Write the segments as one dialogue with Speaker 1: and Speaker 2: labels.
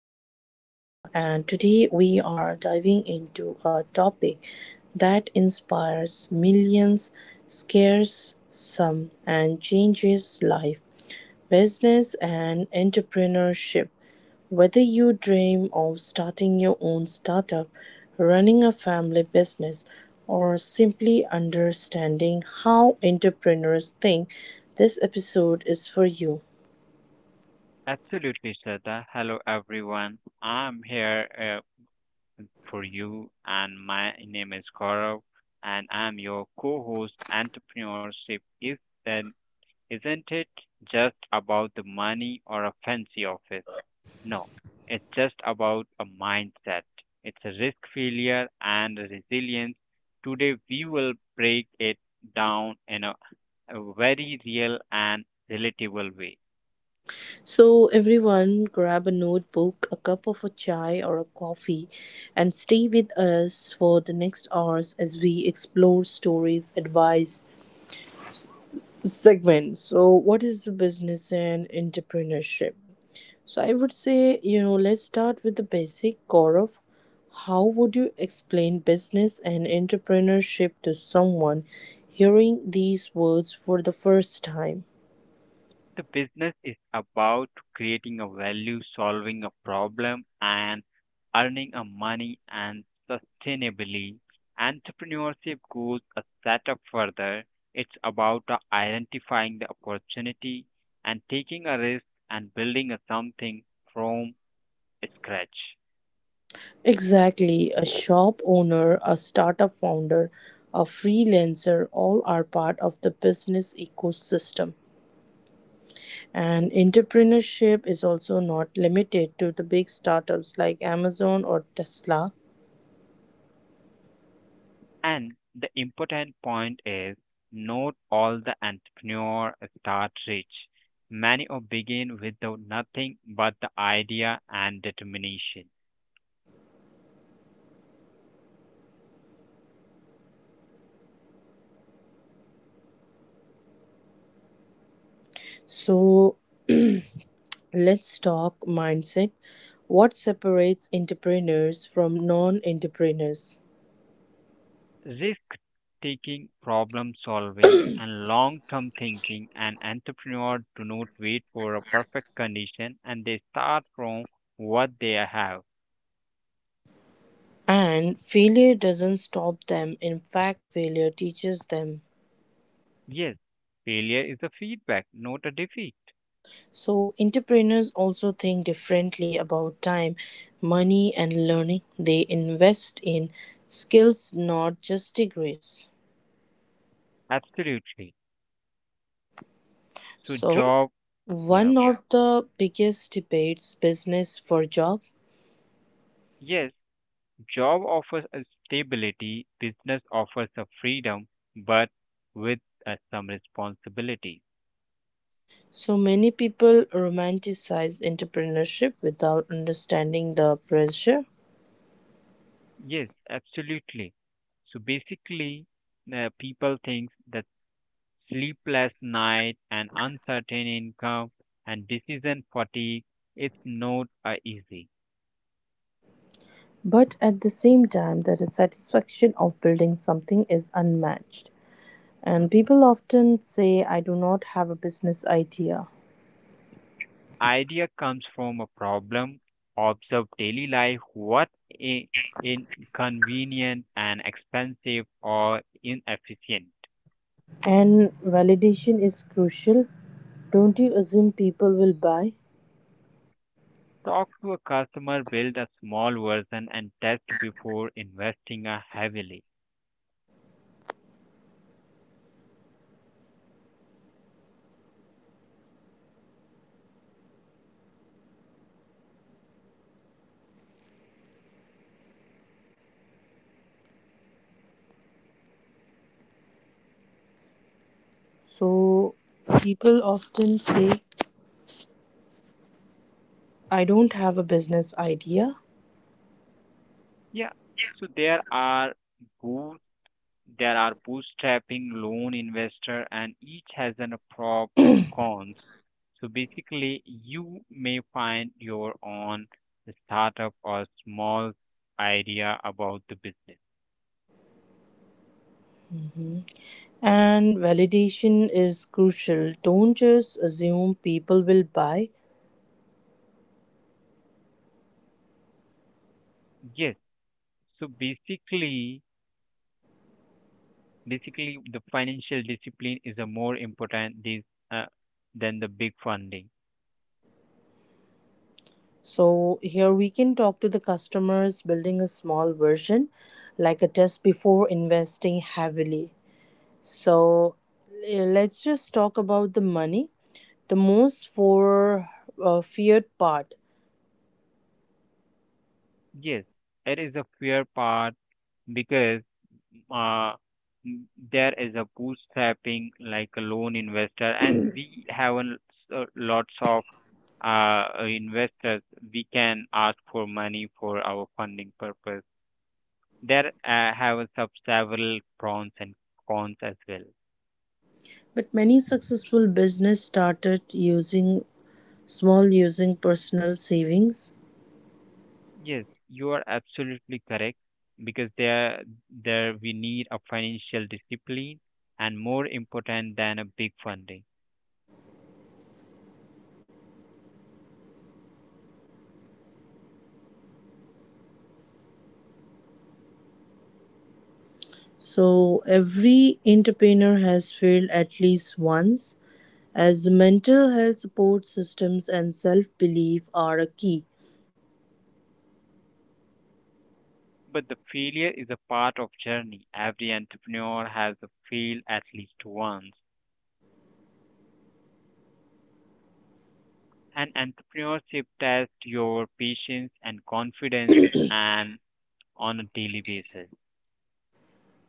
Speaker 1: your host, Shraddha, and today we are diving into a topic that inspires millions, scares some, and changes life. Business and entrepreneurship. Whether you dream of starting your own startup, running a family business, or simply understanding how entrepreneurs think, this episode is for you.
Speaker 2: Absolutely, Shraddha. Hello, everyone. I'm here for you, and my name is Gaurav, and I'm your co-host. Entrepreneurship is then, isn't it just about the money or a fancy office? No, it's just about a mindset. It's a risk failure and a resilience. Today, we will break it down in a very real and relatable way.
Speaker 1: So, everyone, grab a notebook, a cup of a chai or a coffee, and stay with us for the next hours as we explore stories, advice, segments. So, what is business and entrepreneurship? So I would say, you know, let's start with the basic core of how would you explain business and entrepreneurship to someone hearing these words for the first time?
Speaker 2: The business is about creating a value, solving a problem, and earning a money and sustainably. Entrepreneurship goes a step further. It's about the identifying the opportunity and taking a risk and building a something from scratch.
Speaker 1: Exactly, a shop owner, a startup founder, a freelancer, all are part of the business ecosystem. And entrepreneurship is also not limited to the big startups like Amazon or Tesla.
Speaker 2: And the important point is not all the entrepreneur start rich. Many or begin without nothing but the idea and determination.
Speaker 1: So, let's talk mindset. What separates entrepreneurs from non entrepreneurs?
Speaker 2: Risk taking, problem solving, and long term thinking and entrepreneur do not wait for a perfect condition and they start from what they have.
Speaker 1: And failure doesn't stop them, in fact, failure teaches them.
Speaker 2: Yes, failure is a feedback, not a defeat.
Speaker 1: So, entrepreneurs also think differently about time, money, and learning. They invest in skills, not just degrees.
Speaker 2: Absolutely. So
Speaker 1: So,
Speaker 2: job yeah.
Speaker 1: one of the biggest debates, business for job.
Speaker 2: Yes, job offers a stability, business offers a freedom, but with some responsibility.
Speaker 1: So many people romanticize entrepreneurship without understanding the pressure,
Speaker 2: Yes, absolutely. So basically, people think that sleepless night and uncertain income and decision fatigue. It's not easy.
Speaker 1: but at the same time, the satisfaction of building something is unmatched. And people often say, I do not have a business idea.
Speaker 2: Idea comes from a problem, observe daily life, what i- inconvenient and expensive or inefficient.
Speaker 1: And validation is crucial. Don't you assume people will buy?
Speaker 2: Talk to a customer, build a small version, and test before investing heavily.
Speaker 1: So people often say, I don't have a business idea.
Speaker 2: Yeah. So there are boot, bootstrapping, loan investor, and each has an pro and cons. So basically, you may find your own startup or small idea about the business.
Speaker 1: And validation is crucial. Don't just assume people will buy.
Speaker 2: Yes. So basically, basically the financial discipline is a more important this uh, than the big funding.
Speaker 1: So, here we can talk to the customers building a small version, like a test before investing heavily. So, let's just talk about the money, the most for feared part.
Speaker 2: Yes, it is a fair part because uh, there is a bootstrapping like a loan investor, and we have a lots of investors. We can ask for money for our funding purpose. There have sub several pros and cons as well.
Speaker 1: But many successful business started using small, using personal savings.
Speaker 2: Yes, you are absolutely correct because there we need a financial discipline and more important than a big funding.
Speaker 1: So every entrepreneur has failed at least once, as mental health support systems and self-belief are a key.
Speaker 2: But the failure is a part of journey. Every entrepreneur has failed at least once. And entrepreneurship tests your patience and confidence and on a daily basis.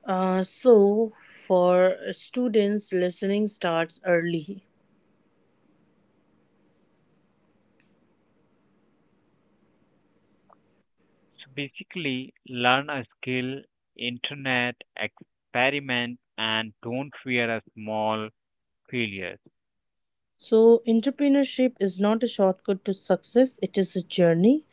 Speaker 1: So for students, listening starts early.
Speaker 2: So basically learn a skill, internet, experiment and don't fear a small failures.
Speaker 1: So entrepreneurship is not a shortcut to success; it is a journey.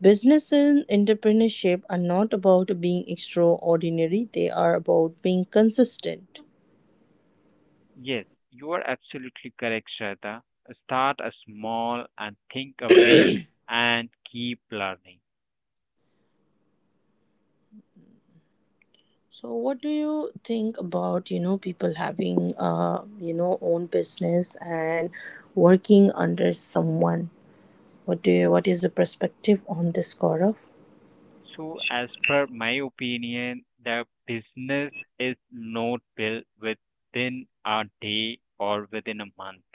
Speaker 1: Business and entrepreneurship are not about being extraordinary; they are about being consistent.
Speaker 2: Yes, you are absolutely correct, Shraddha. Start a small and think a big and keep learning.
Speaker 1: So, what do you think about, you know, people having, uh, you know, own business and working under someone? What is your perspective on this, Gaurav?
Speaker 2: So, as per my opinion, the business is not built within a day or within a month.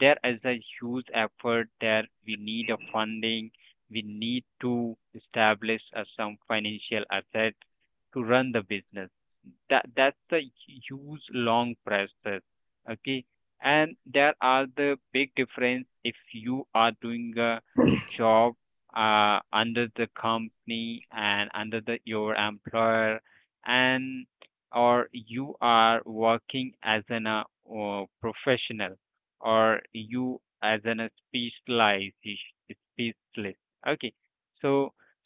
Speaker 2: There is a huge effort there. We need a funding. We need to establish some financial assets to run the business, that's a huge long process. Okay, and there are the big difference if you are doing a job under the company and under the your employer, and or you are working as an professional, or you as an specialized specialist. Okay, so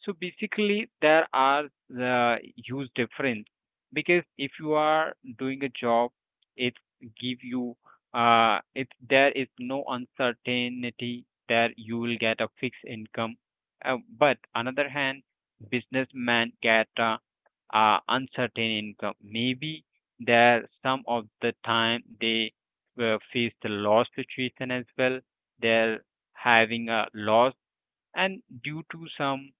Speaker 2: so basically there are the huge difference because if you are doing a job, it give you it there is no uncertainty that you will get a fixed income. But another hand, businessman get uncertain income, maybe there some of the time they face the loss situation as well. They're having a loss and due to some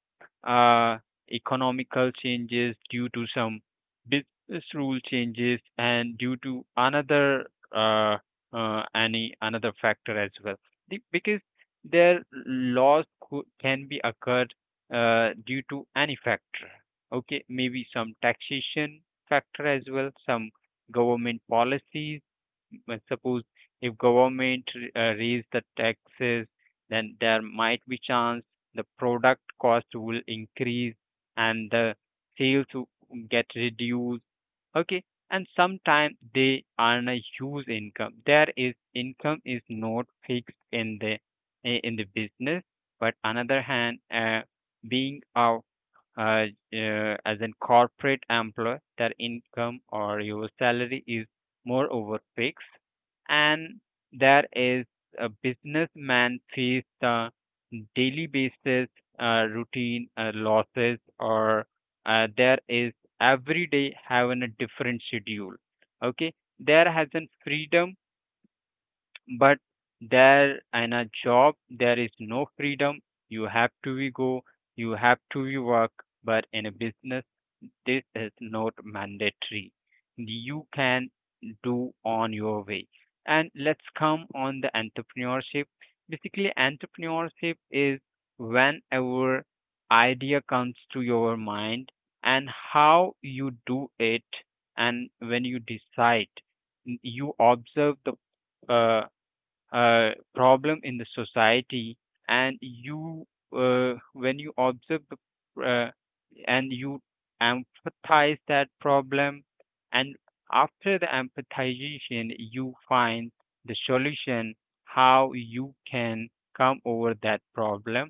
Speaker 2: uh, economical changes, due to some business rule changes, and due to another uh, any another factor as well. Because their can be occurred due to any factor. Okay, maybe some taxation factor as well, some government policies. But suppose if government raise the taxes, then there might be chance the product cost will increase and the sales will get reduced. Okay, and sometimes they earn a huge income. There is income is not fixed in the business. But another hand, being a uh, as in corporate employee, their income or your salary is moreover fixed, and there is a businessman face the daily basis routine losses, or there is every day having a different schedule. Okay, there has a freedom, but there in a job there is no freedom. You have to be go, you have to be work. But in a business this is not mandatory, you can do on your way. And let's come on the entrepreneurship. Basically entrepreneurship is whenever idea comes to your mind, and how you do it, and when you decide, you observe the uh, problem in the society, and you when you observe the and you empathize that problem. And after the empathization you find the solution how you can come over that problem.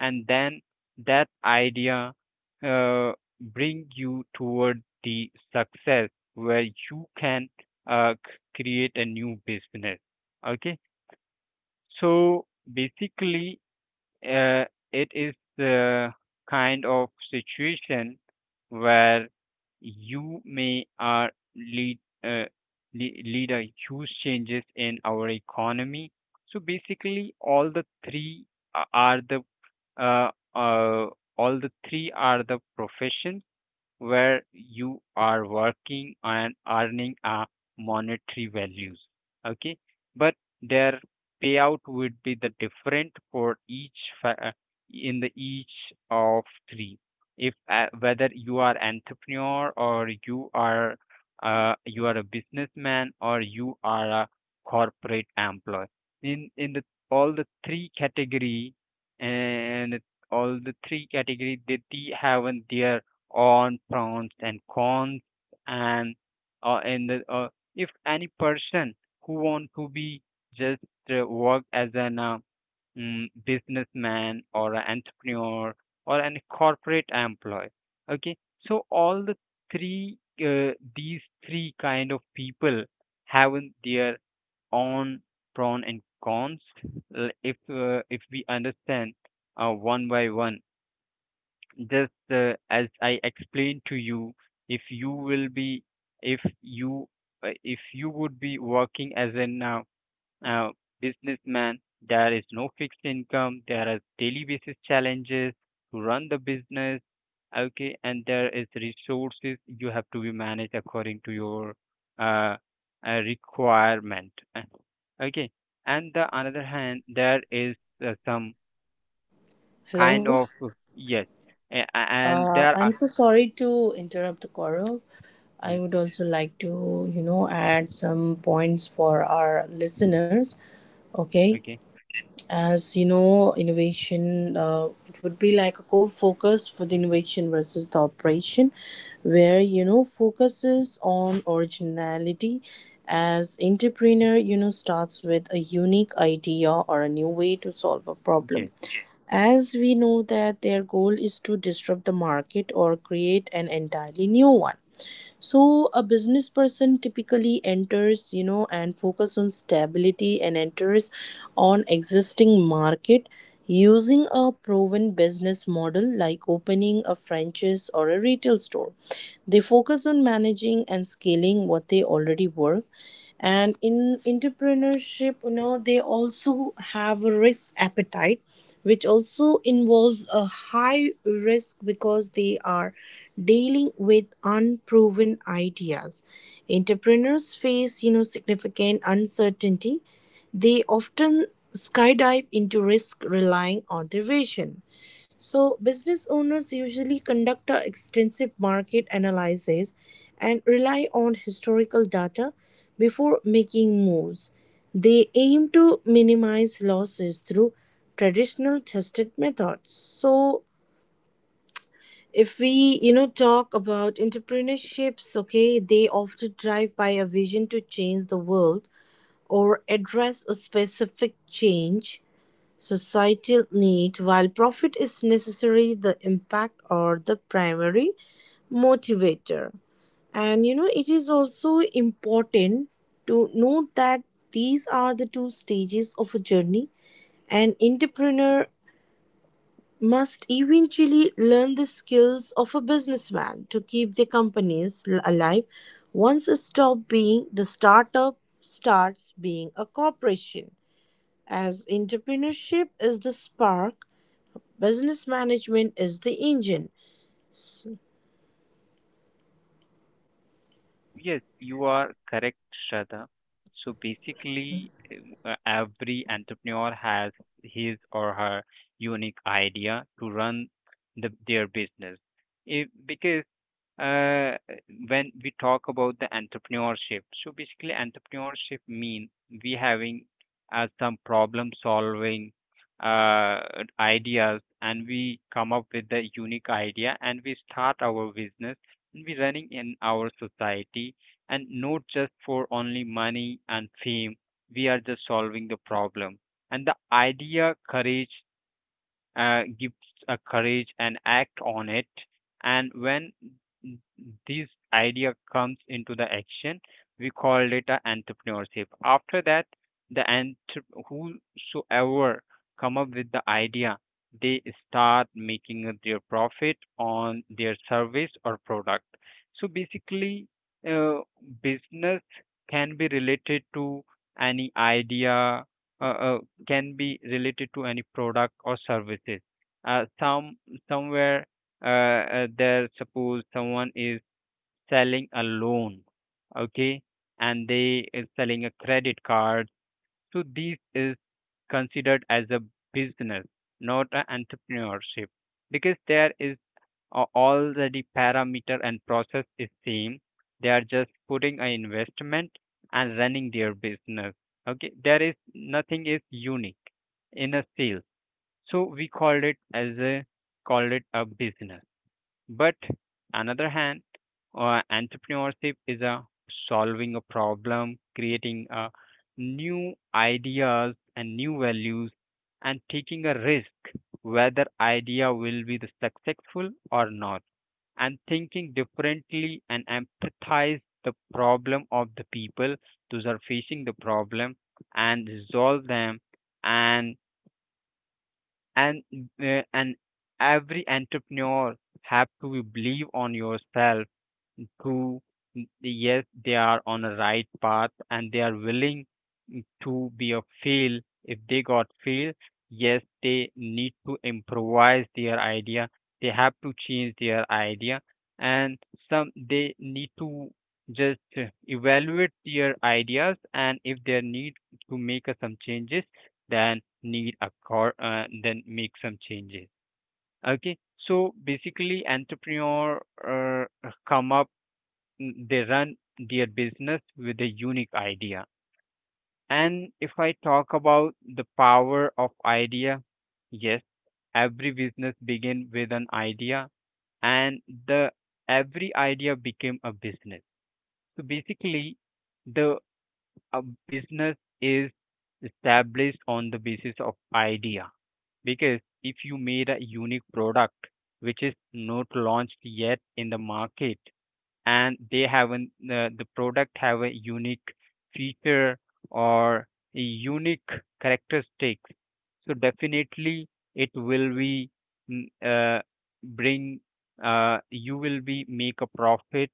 Speaker 2: And then that idea uh, bring you toward the success where you can create a new business. Okay, so basically, uh, it is the kind of situation where you may lead uh, lead a huge changes in our economy. So basically, all the three are the uh, uh, all the three are the professions where you are working and earning a monetary values. Okay, but their payout would be the different for each in the each of three, if whether you are entrepreneur or you are a businessman or you are a corporate employee. In in the all the three category, and all the three category they have their on pros and cons. And in the if any person who want to be just work as an businessman or an entrepreneur or an corporate employee. Okay, so all the three these three kind of people have their own pros and cons. If we understand one by one, just as I explained to you, if you will be, if you, if you would be working as an uh, businessman, there is no fixed income. There are daily basis challenges to run the business. Okay, and there is resources you have to be managed according to your uh, requirement. Okay, and the another hand, there is some kind
Speaker 1: Hello.
Speaker 2: of yes and there
Speaker 1: I'm
Speaker 2: are.
Speaker 1: so sorry to interrupt the Gaurav. I
Speaker 2: Yes.
Speaker 1: would also like to, you know, add some points for our listeners. Okay,
Speaker 2: Okay.
Speaker 1: as you know, innovation, it would be like a core focus for the innovation versus the operation, where you know focuses on originality. As entrepreneur, you know, starts with a unique idea or a new way to solve a problem,
Speaker 2: Yes.
Speaker 1: as we know that their goal is to disrupt the market or create an entirely new one. So a business person typically enters, you know, and focus on stability and enters on existing market, using a proven business model like opening a franchise or a retail store. They focus on managing and scaling what they already work. And in entrepreneurship, you know, they also have a risk appetite, which also involves a high risk because they are dealing with unproven ideas. Entrepreneurs face, you know, significant uncertainty. They often skydive into risk relying on their vision. So, business owners usually conduct a extensive market analysis and rely on historical data before making moves. They aim to minimize losses through traditional tested methods. So, if we, you know, talk about entrepreneurships, okay, they often drive by a vision to change the world or address a specific change societal need. While profit is necessary, the impact or the primary motivator. And you know, it is also important to note that these are the two stages of a journey. An entrepreneur must eventually learn the skills of a businessman to keep their companies alive once a stop being the startup starts being a corporation. As entrepreneurship is the spark, business management is the engine.
Speaker 2: Yes, you are correct, Shraddha. So basically, every entrepreneur has his or her unique idea to run their business. If, because uh, when we talk about the entrepreneurship, so basically entrepreneurship mean we having as some problem solving uh, ideas, and we come up with a unique idea and we start our business and we running in our society. And not just for only money and fame, we are just solving the problem. And the idea courage gives a courage and act on it. And when this idea comes into the action, we call it a entrepreneurship. After that, the entre- whosoever come up with the idea, they start making their profit on their service or product. So basically, uh, business can be related to any idea, uh, uh, can be related to any product or services. Uh, some Somewhere uh, suppose someone is selling a loan, okay, and they is selling a credit card. So this is considered as a business, not an entrepreneurship, because there is already parameter and process is same. They are just putting an investment and running their business. Okay, there is nothing is unique in a sale, so we called it as a called it a business. But another hand, entrepreneurship is a solving a problem, creating a new ideas and new values, and taking a risk whether idea will be the successful or not, and thinking differently and empathize the problem of the people those are facing the problem and resolve them. And and and every entrepreneur have to believe on yourself, who mm, yes they are on the right path and they are willing mm, to be a fail. If they got fail, yes they need to improvise their idea, they have to change their idea. And some they need to just evaluate their ideas, and if they need to make some changes, then need a then make some changes. Okay, so basically entrepreneur uh, come up they run their business with a unique idea. And if I talk about the power of idea, yes, every business begin with an idea, and the every idea became a business. So basically the uh, business is established on the basis of idea, because if you made a unique product which is not launched yet in the market, and they haven't the product have a unique feature or a unique characteristics, so definitely it will be mm, bring you will be make a profit,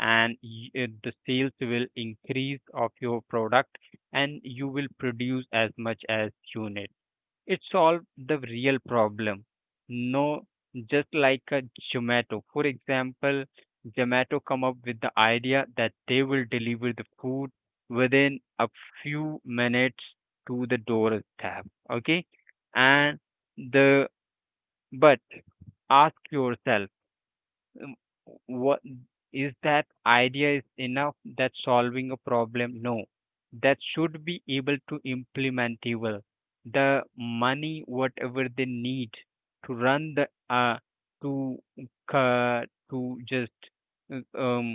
Speaker 2: and the sales will increase of your product, and you will produce as much as you need. It solved the real problem. No, just like a Zomato. For example, Zomato come up with the idea that they will deliver the food within a few minutes to the doorstep. Okay, and the but ask yourself um, what is that idea is enough that solving a problem no that should be able to implementable. The money whatever they need to run the uh, to uh, to just uh, um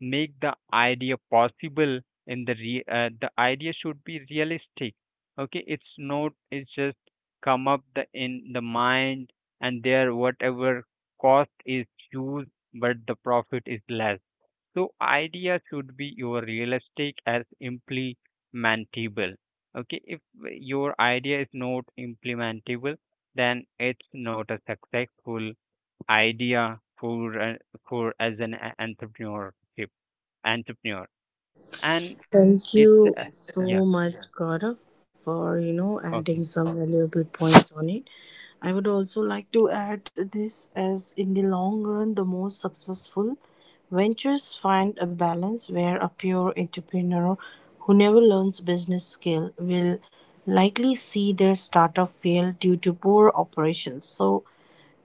Speaker 2: make the idea possible the idea should be realistic. Okay, it's not, it's just come up the in the mind and there whatever cost is used but the profit is less. So idea should be your realistic as implementable. Okay, if your idea is not implementable, then it's not a successful idea for as an entrepreneurship entrepreneur. And
Speaker 1: Thank
Speaker 2: it's
Speaker 1: you
Speaker 2: yeah,
Speaker 1: so much, Gaurav, for, you know, adding
Speaker 2: okay.
Speaker 1: some valuable points on it. I would also like to add this as in the long run, the most successful ventures find a balance, where a pure entrepreneur who never learns business skill will likely see their startup fail due to poor operations. So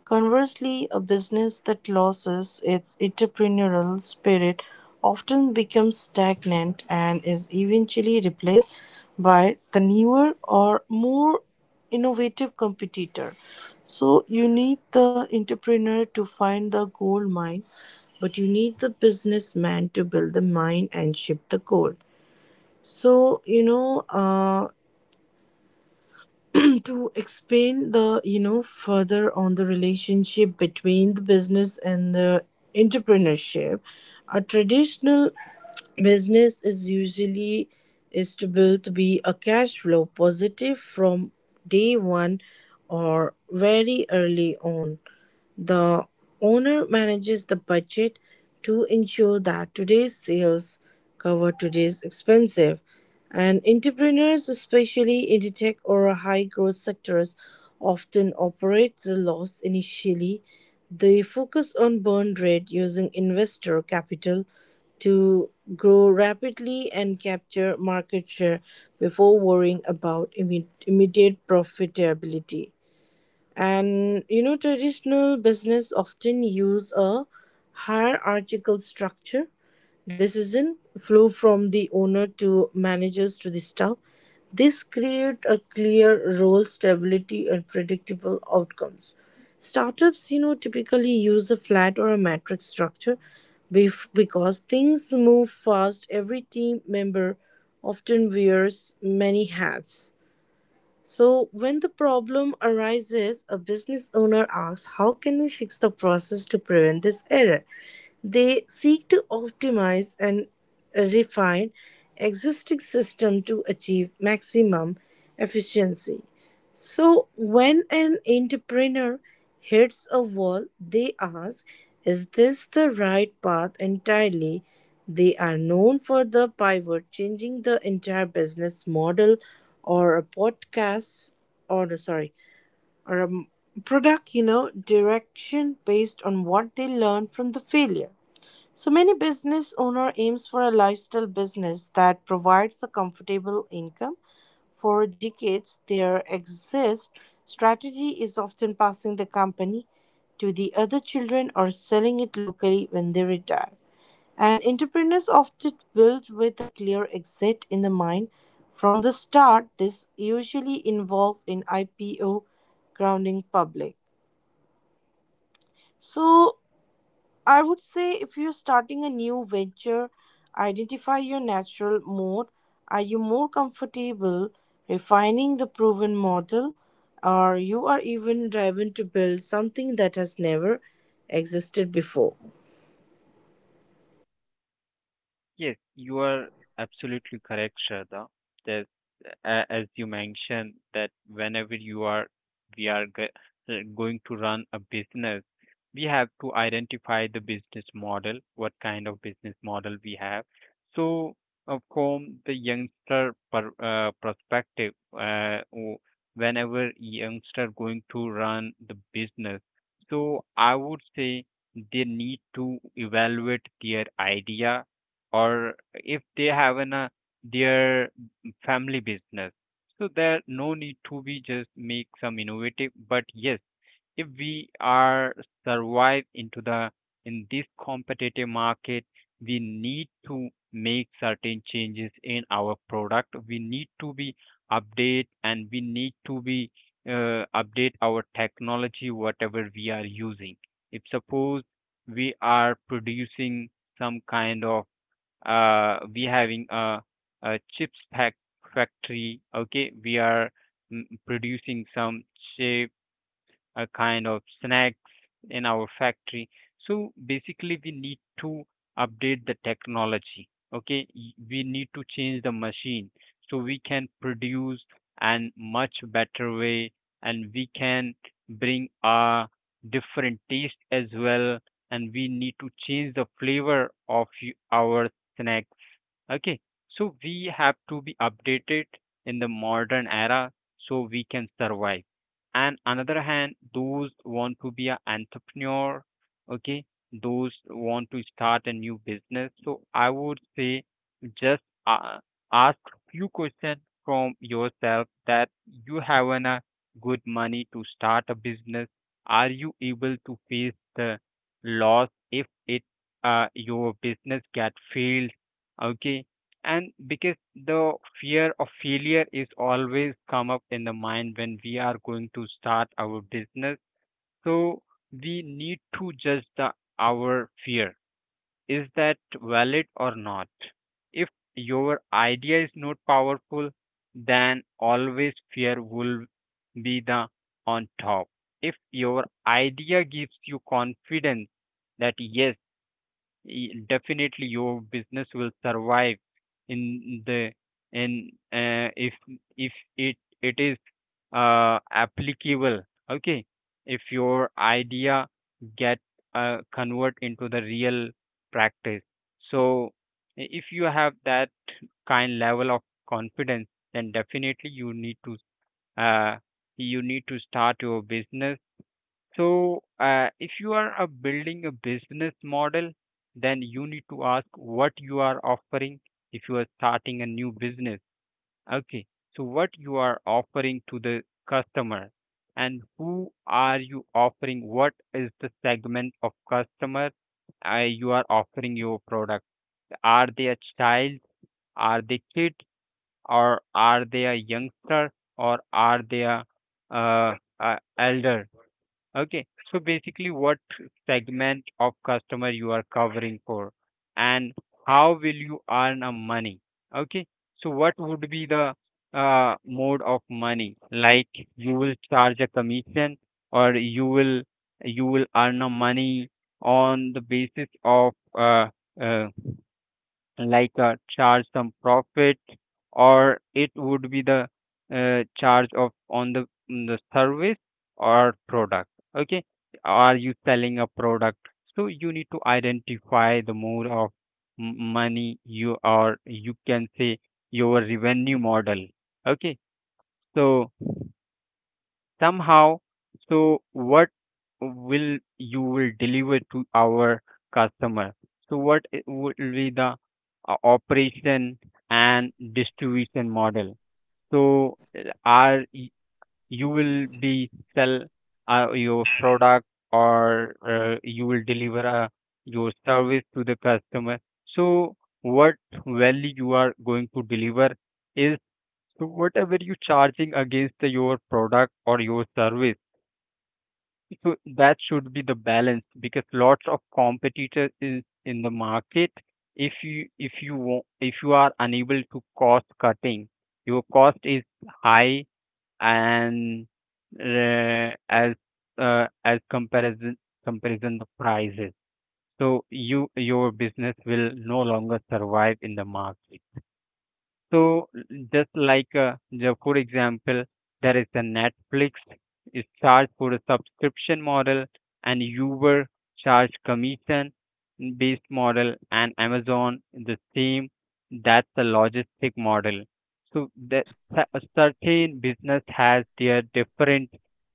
Speaker 1: conversely, a business that loses its entrepreneurial spirit often becomes stagnant and is eventually replaced by the newer or more innovative competitor. So, you need the entrepreneur to find the gold mine, but you need the businessman to build the mine and ship the gold. So, you know, to explain the, you know, further on the relationship between the business and the entrepreneurship, a traditional business is usually is to build to be a cash flow positive from day one or very early on. The owner manages the budget to ensure that today's sales cover today's expenses. And entrepreneurs, especially in the tech or high growth sectors, often operate the loss initially. They focus on burn rate using investor capital to grow rapidly and capture market share before worrying about immediate profitability. And you know, traditional business often use a hierarchical structure. Decision flow from the owner to managers to the staff. This create a clear role, stability, and predictable outcomes. Startups, you know, typically use a flat or a matrix structure because things move fast. Every team member often wears many hats. So, when the problem arises, a business owner asks, "How can we fix the process to prevent this error?" They seek to optimize and refine existing systems to achieve maximum efficiency. So, when an entrepreneur hits a wall, they ask, "Is this the right path entirely?" They are known for the pivot, changing the entire business model or a podcast or no, sorry, or a m- product, you know, direction based on what they learn from the failure. So many business owner aims for a lifestyle business that provides a comfortable income. For decades, their exist strategy is often passing the company to the other children or selling it locally when they retire. And entrepreneurs often build with a clear exit in the mind from the start. This usually involved in IPO grounding public. So I would say if you're starting a new venture, identify your natural mode. Are you more comfortable refining the proven model, or you are even driven to build something that has never existed before?
Speaker 2: Yes, you are absolutely correct, Shraddha. That as you mentioned that whenever you are, we are going to run a business, we have to identify the business model, what kind of business model we have. So from the youngster perspective, whenever youngster going to run the business, so I would say they need to evaluate their idea, or if they have an their family business, so there no need to be just make some innovative. But yes, if we are survive into the in this competitive market, we need to make certain changes in our product, we need to be update, and we need to be update our technology whatever we are using. If suppose we are producing some kind of, we having a factory, okay, we are producing some chip, a kind of snacks in our factory. So basically we need to update the technology. Okay, we need to change the machine so we can produce and much better way, and we can bring a different taste as well, and we need to change the flavor of our snack. Okay, so we have to be updated in the modern era so we can survive. And another hand, those want to be an entrepreneur, okay, those want to start a new business, so I would say just ask few questions from yourself, that you have an, a good money to start a business, are you able to face the loss if it, your business get failed. Okay, and because the fear of failure is always come up in the mind when we are going to start our business. So we need to judge the our fear, is that valid or not. If your idea is not powerful, then always fear will be the on top. If your idea gives you confidence that yes, definitely your business will survive in the, in if, if it it is applicable. Okay, if your idea get convert into the real practice, so, if you have that kind level of confidence, then definitely you need to, uh, you need to start your business. So, if you are building a business model, then you need to ask what you are offering, if you are starting a new business. Okay, so what you are offering to the customer, and who are you offering? What is the segment of customer you are offering your product? Are they a child? Are they kid? Or are they a youngster? Or are they a elder? Okay, so basically, what segment of customer you are covering for, and how will you earn a money? Okay, so what would be the mode of money? Like you will charge a commission, or you will, you will earn a money on the basis of uh, like charge some profit, or it would be the charge of on the the service or product. Okay, are you selling a product? So you need to identify the mode of money you are, you can say your revenue model. Okay, so somehow, so what will you will deliver to our customer, so what would be the operation and distribution model. So are you will be sell your product, or you will deliver your service to the customer. So what value you are going to deliver is, so whatever you charging against your product or your service, so that should be the balance, because lots of competitors is in the market. If you, if you are unable to cost cutting, your cost is high, and uh, as as comparison the prices. So you, your business will no longer survive in the market. So just like the for example, there is the Netflix is charged for a subscription model, and Uber charge commission based model, and Amazon the same. That's the logistic model. So that a certain business has their different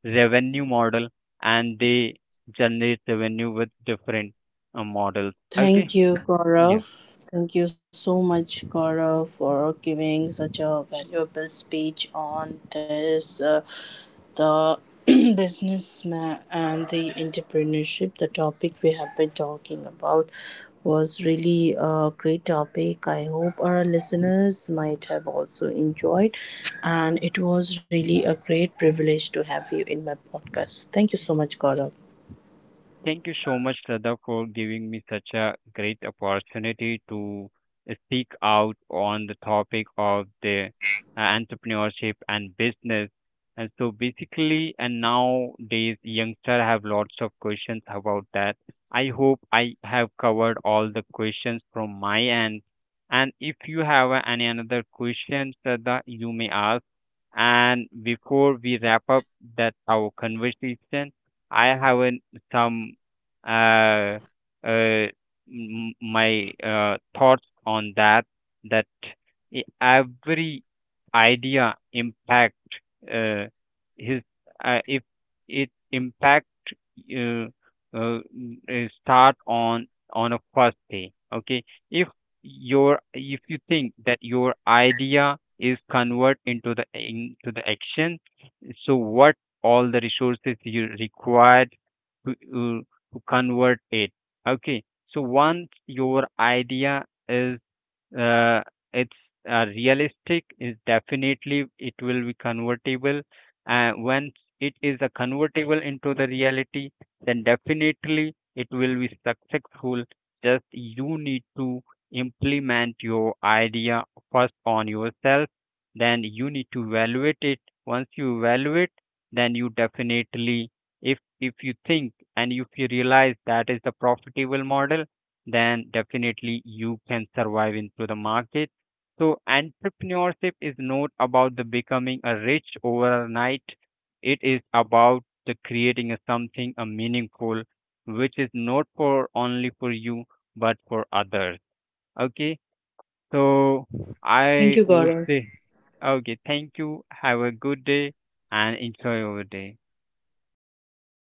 Speaker 2: revenue model, and they generate revenue with different models.
Speaker 1: Thank
Speaker 2: Okay,
Speaker 1: you,
Speaker 2: yeah.
Speaker 1: Gaurav. Thank you so much, Gaurav, for giving such a valuable speech on this, the businessman and the entrepreneurship. The topic we have been talking about was really a great topic. I hope our listeners might have also enjoyed, and it was really a great privilege to have you in my podcast. Thank you so much, Gaurav.
Speaker 2: Thank you so much, Sada, for giving me such a great opportunity to speak out on the topic of the entrepreneurship and business. And so basically, and nowadays, youngster have lots of questions about that. I hope I have covered all the questions from my end. And if you have any another question, Sada, you may ask. And before we wrap up that our conversation, I have an, some uh, uh, my thoughts on that. That every idea impact uh, his if it impact uh, start on a first day. Okay, your if you think that your idea is convert into the action, so what all the resources you required to, uh, to convert it. Okay, so once your idea is uh, it's realistic. Is definitely it will be convertible. And once it is a convertible into the reality, then definitely it will be successful. Just you need to implement your idea first on yourself. Then you need to evaluate it. Once you evaluate, then you definitely, if you think and if you realize that is the profitable model, then definitely you can survive into the market. So entrepreneurship is not about the becoming a rich overnight. It is about the creating a something a meaningful, which is not for only for you but for others. Okay, so
Speaker 1: Thank
Speaker 2: I
Speaker 1: you,
Speaker 2: would
Speaker 1: Gaurav.
Speaker 2: say, okay, thank you. Have a good day and enjoy your day.